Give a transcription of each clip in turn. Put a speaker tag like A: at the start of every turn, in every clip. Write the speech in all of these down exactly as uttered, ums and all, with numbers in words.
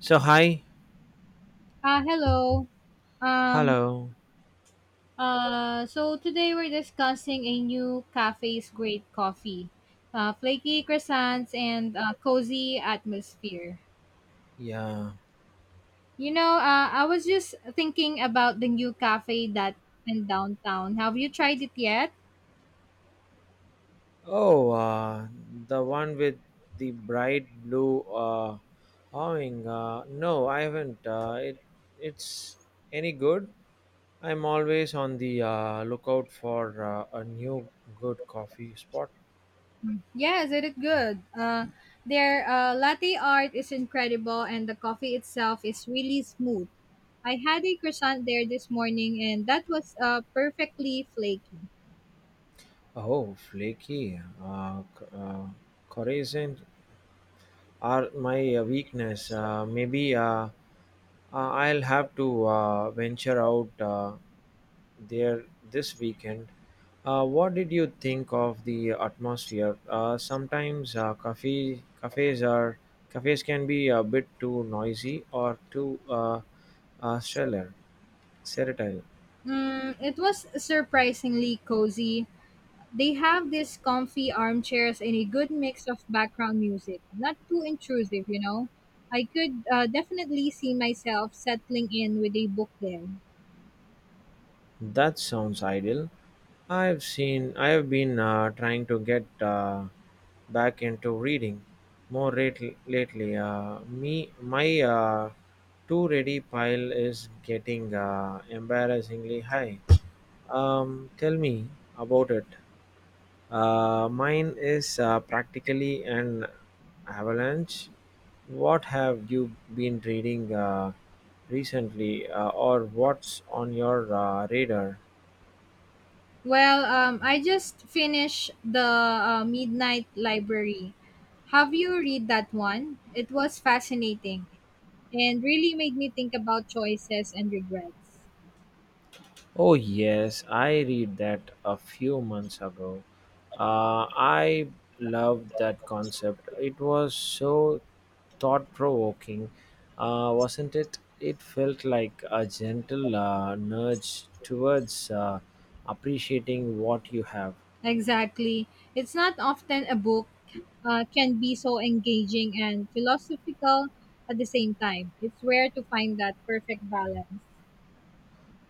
A: So hi,
B: Uh, hello. Um,
A: hello,
B: uh, so today we're discussing a new cafe's great coffee, uh, flaky croissants and uh, cozy atmosphere.
A: yeah.
B: You know, uh, I was just thinking about the new cafe that in downtown. Have you tried it yet?
A: Oh, uh, the one with the bright blue uh, awning. Uh, no, I haven't. Uh, it it's any good? I'm always on the uh, lookout for uh, a new good coffee spot.
B: Yes, it is good. Uh, their uh, latte art is incredible, and the coffee itself is really smooth. I had a croissant there this morning, and that was uh, perfectly flaky.
A: Oh, flaky. Uh, c- uh, Coruscant are my uh, weakness. Uh, maybe uh, uh, I'll have to uh, venture out uh, there this weekend. Uh, what did you think of the atmosphere? Uh, sometimes uh, cafe, cafes are cafes can be a bit too noisy or too uh, uh, stellar, sterile.
B: Mm, it was surprisingly cozy. They have these comfy armchairs and a good mix of background music. Not too intrusive, you know. I could uh, definitely see myself settling in with a book there.
A: That sounds ideal. I've seen. I have been uh, trying to get uh, back into reading more rate- lately. Uh, me, my uh, too ready pile is getting uh, embarrassingly high. Um, tell me about it. Uh, mine is uh, practically an avalanche. What have you been reading uh, recently, uh, or what's on your uh, radar?
B: Well, um, I just finished the uh, Midnight Library. Have you read that one? It was fascinating and really made me think about choices and regrets.
A: Oh, yes, I read that a few months ago. Uh, I loved that concept. It was so thought provoking, uh, wasn't it? It felt like a gentle uh, nudge towards uh, appreciating what you have.
B: Exactly. It's not often a book uh, can be so engaging and philosophical at the same time. It's rare to find that perfect balance.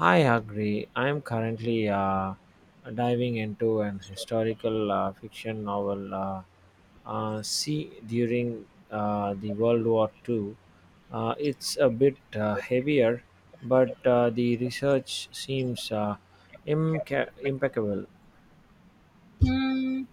A: I agree. I am currently uh, diving into an historical uh, fiction novel. Uh, uh, see, during uh, the World War Two. Uh, it's a bit uh, heavier, but uh, the research seems uh, imca- impeccable.
B: Hmm.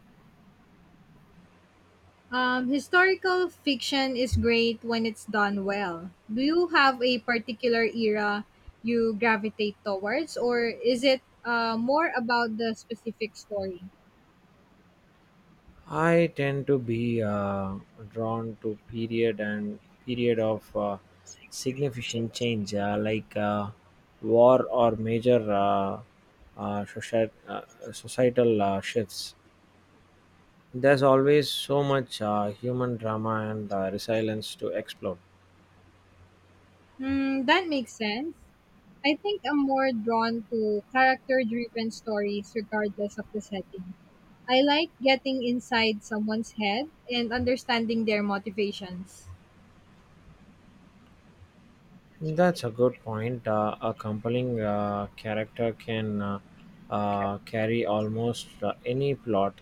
B: Um, historical fiction is great when it's done well. Do you have a particular era you gravitate towards, or is it uh, more about the specific story?
A: I tend to be uh, drawn to period and period of uh, significant change, uh, like uh, war or major uh, uh, socie- uh, societal uh, shifts. There's always so much uh, human drama and uh, resilience to explore.
B: Hmm, that makes sense. I think I'm more drawn to character driven stories regardless of the setting. I like getting inside someone's head and understanding their motivations.
A: That's a good point. Uh, a compelling uh, character can uh, uh, carry almost uh, any plot.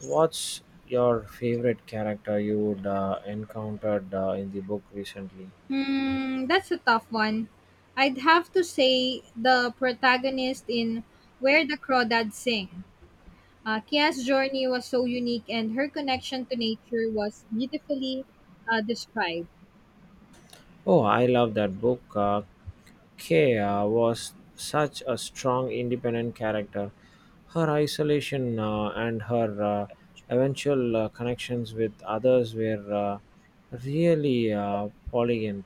A: What's your favorite character you would uh, encountered uh, in the book recently?
B: Hmm, that's a tough one. I'd have to say the protagonist in Where the Crawdads Sing. Uh, Kia's journey was so unique and her connection to nature was beautifully uh, described.
A: Oh, I love that book. Uh, Kea was such a strong, independent character. Her isolation uh, and her uh, eventual uh, connections with others were uh, really uh, poignant.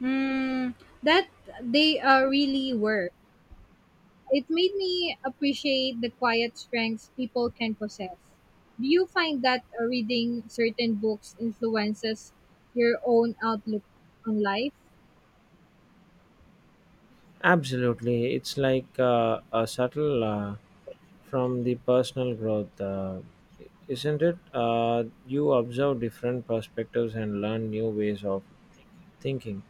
B: Hmm, that they uh, really were. It made me appreciate the quiet strengths people can possess. Do you find that uh, reading certain books influences your own outlook on life?
A: Absolutely, it's like uh, a subtle uh, from the personal growth, uh, isn't it? Uh, you observe different perspectives and learn new ways of thinking.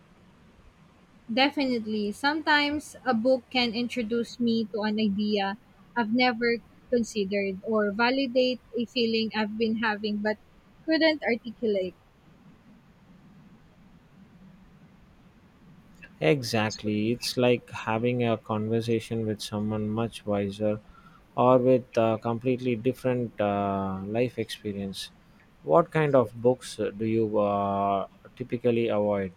B: Definitely. Sometimes a book can introduce me to an idea I've never considered or validate a feeling I've been having but couldn't articulate.
A: Exactly, it's like having a conversation with someone much wiser or with a completely different uh, life experience. What kind of books do you uh, typically avoid,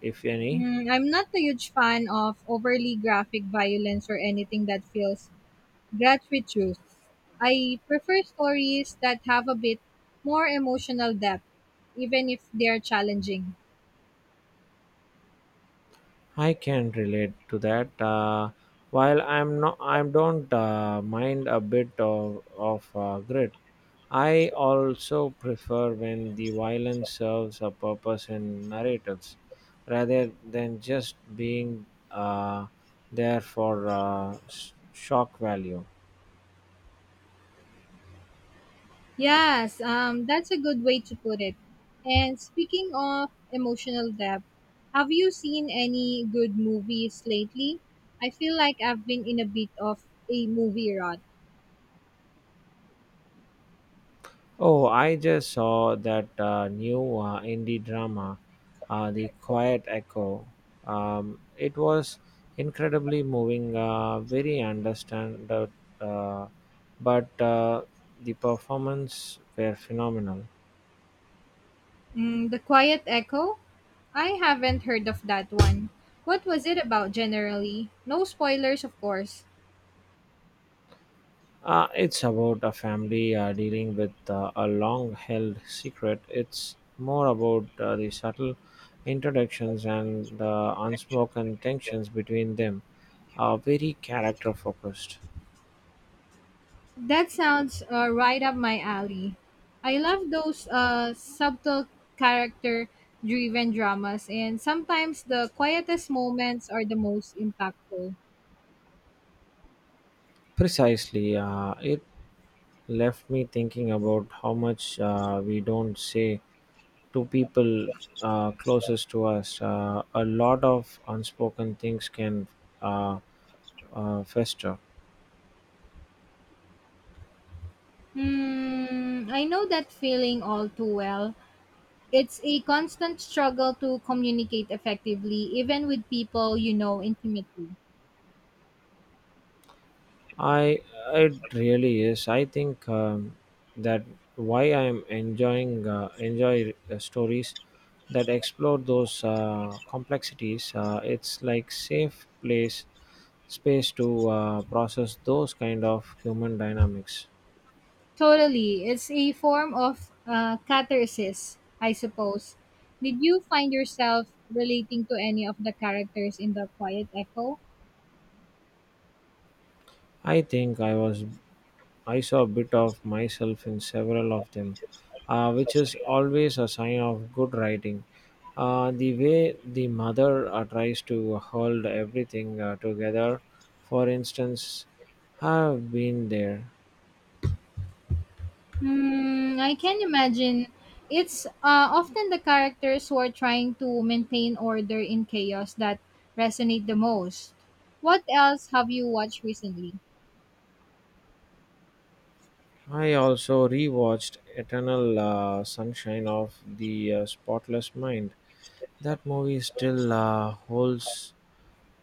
A: if any?
B: Mm, I'm not a huge fan of overly graphic violence or anything that feels Graduate Youth. I prefer stories that have a bit more emotional depth, even if they're challenging.
A: I can relate to that. Uh, while I'm not, I don't uh, mind a bit of of uh, grit. I also prefer when the violence serves a purpose in narratives, rather than just being uh, there for uh, s- shock value.
B: Yes, um, that's a good way to put it. And speaking of emotional depth, have you seen any good movies lately? I feel like I've been in a bit of a movie rut.
A: Oh, I just saw that uh, new uh, indie drama, uh, The Quiet Echo. Um, it was incredibly moving, uh, very understand, uh, but uh, the performance were phenomenal.
B: Mm, the Quiet Echo? I haven't heard of that one. What was it about generally? No spoilers, of course.
A: Uh, it's about a family uh, dealing with uh, a long-held secret. It's more about uh, the subtle introductions and the unspoken tensions between them. Uh, very character-focused.
B: That sounds uh, right up my alley. I love those uh, subtle character driven dramas, and sometimes the quietest moments are the most impactful.
A: Precisely, uh, it left me thinking about how much uh, we don't say to people uh, closest to us. Uh, a lot of unspoken things can uh, uh, fester.
B: Hmm, I know that feeling all too well. It's a constant struggle to communicate effectively, even with people you know intimately.
A: I It really is. I think um, that why I am enjoying uh, enjoy uh, stories that explore those uh, complexities. Uh, it's like safe place space to uh, process those kind of human dynamics.
B: Totally. It's a form of uh, catharsis, I suppose. Did you find yourself relating to any of the characters in The Quiet Echo?
A: I think I was I saw a bit of myself in several of them, uh, which is always a sign of good writing. Uh, the way the mother uh, tries to hold everything uh, together, for instance, have been there.
B: Hmm, I can imagine. It's uh, often the characters who are trying to maintain order in chaos that resonate the most. What else have you watched recently?
A: I also rewatched Eternal uh, Sunshine of the uh, Spotless Mind. That movie still uh, holds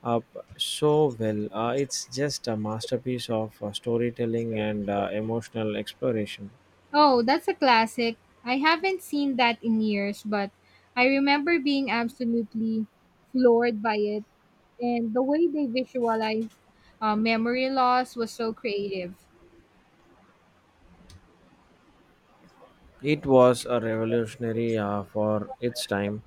A: up so well. Uh, it's just a masterpiece of uh, storytelling and uh, emotional exploration.
B: Oh, that's a classic. I haven't seen that in years, but I remember being absolutely floored by it and the way they visualize uh, memory loss was so creative.
A: It was a revolutionary uh, for its time,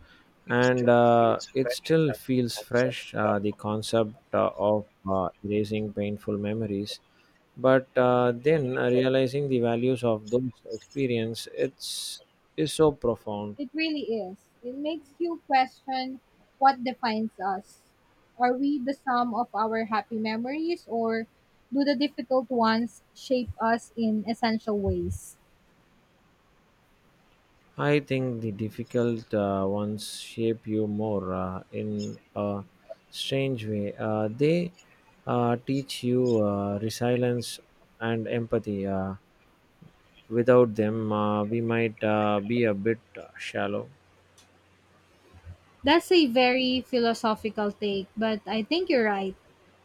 A: and uh, it still feels fresh. Uh, the concept uh, of uh, erasing painful memories, but uh, then uh, realizing the values of those experience, it's is so profound.
B: It really is. It makes you question what defines us. Are we the sum of our happy memories, or do the difficult ones shape us in essential ways?
A: I think the difficult uh, ones shape you more uh, in a strange way. Uh, they uh, teach you uh, resilience and empathy. Uh, Without them, uh, we might uh, be a bit uh, shallow.
B: That's a very philosophical take, but I think you're right.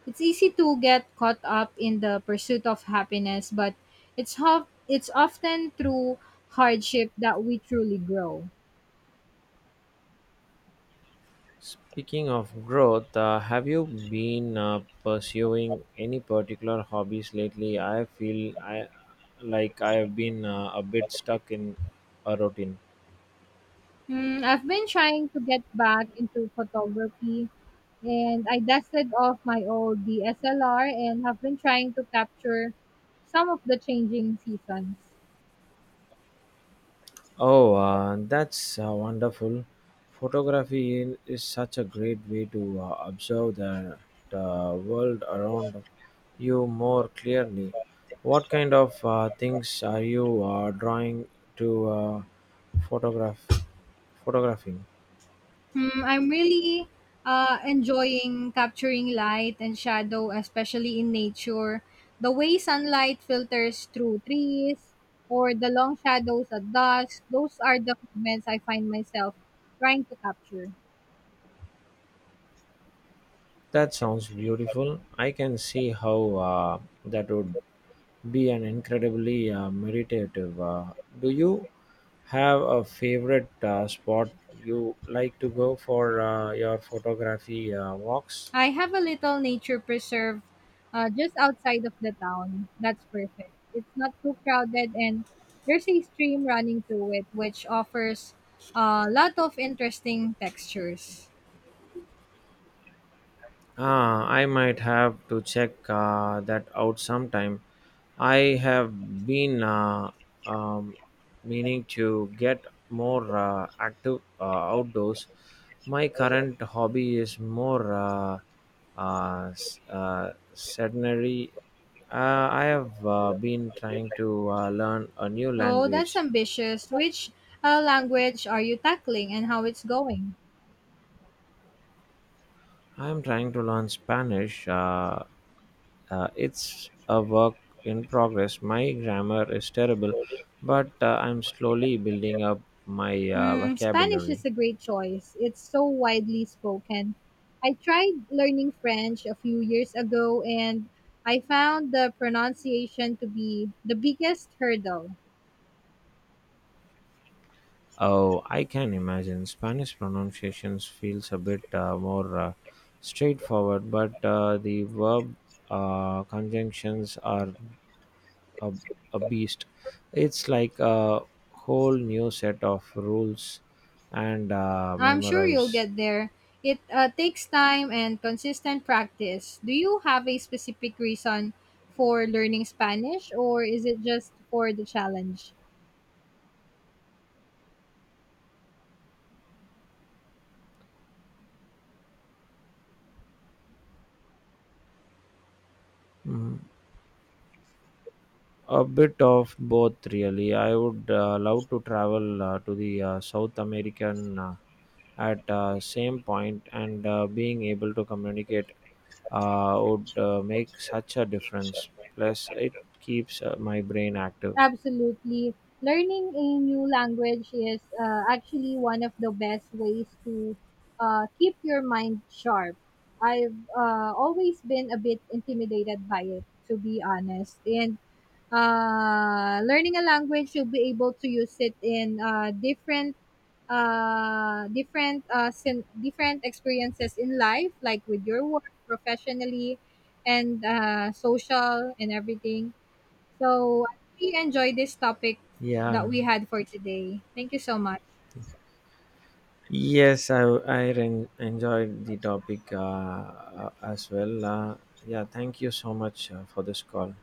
B: It's easy to get caught up in the pursuit of happiness, but it's ho- it's often through hardship that we truly grow.
A: Speaking of growth, uh, have you been uh, pursuing any particular hobbies lately? I feel I like I have been uh, a bit stuck in a routine.
B: Hmm, I've been trying to get back into photography and I dusted off my old D S L R and have been trying to capture some of the changing seasons.
A: Oh, uh, that's uh, wonderful. Photography in- is such a great way to uh, observe the, the world around you more clearly. What kind of uh, things are you uh, drawing to uh, photograph photographing?
B: Hmm, I'm really uh, enjoying capturing light and shadow, especially in nature. The way sunlight filters through trees or the long shadows at dusk, those are the moments I find myself trying to capture.
A: That sounds beautiful. I can see how uh, that would be an incredibly uh, meditative. Uh, do you have a favorite uh, spot you like to go for uh, your photography uh, walks?
B: I have a little nature preserve uh, just outside of the town. That's perfect. It's not too crowded, and there's a stream running through it, which offers a lot of interesting textures.
A: Ah, I might have to check uh, that out sometime. I have been uh, um, meaning to get more uh, active uh, outdoors. My current hobby is more uh, uh, s- uh, sedentary. Uh, I have uh, been trying to uh, learn a new
B: Oh, that's
A: language.
B: ambitious. Which uh, language are you tackling, and how it's going?
A: I am trying to learn Spanish. Uh, Uh, it's a work in progress. My grammar is terrible, but uh, I'm slowly building up my uh,
B: Mm, Spanish is
A: vocabulary.
B: a great choice. It's so widely spoken. I tried learning French a few years ago and I found the pronunciation to be the biggest hurdle.
A: Oh, I can imagine. Spanish pronunciations feels a bit uh, more uh, straightforward, but uh, the verb uh, conjunctions are a, a beast. It's like a whole new set of rules and uh,
B: I'm sure you'll
A: memorize.
B: get there. It uh, takes time and consistent practice. Do you have a specific reason for learning Spanish, or is it just for the challenge?
A: Mhm. A bit of both, really. I would uh, love to travel uh, to the uh, South American uh, at uh, same point, and uh, being able to communicate uh, would uh, make such a difference. Plus, it keeps uh, my brain active.
B: Absolutely. Learning a new language is uh, actually one of the best ways to uh, keep your mind sharp. I've uh, always been a bit intimidated by it, to be honest. And uh, learning a language, you'll be able to use it in uh, different uh, different uh, sin- different experiences in life, like with your work, professionally, and uh, social and everything. So I really enjoy this topic that
A: Yeah.
B: we had for today. Thank you so much.
A: Yes, I I ren- enjoyed the topic uh, uh, as well. Uh, yeah, thank you so much uh, for this call.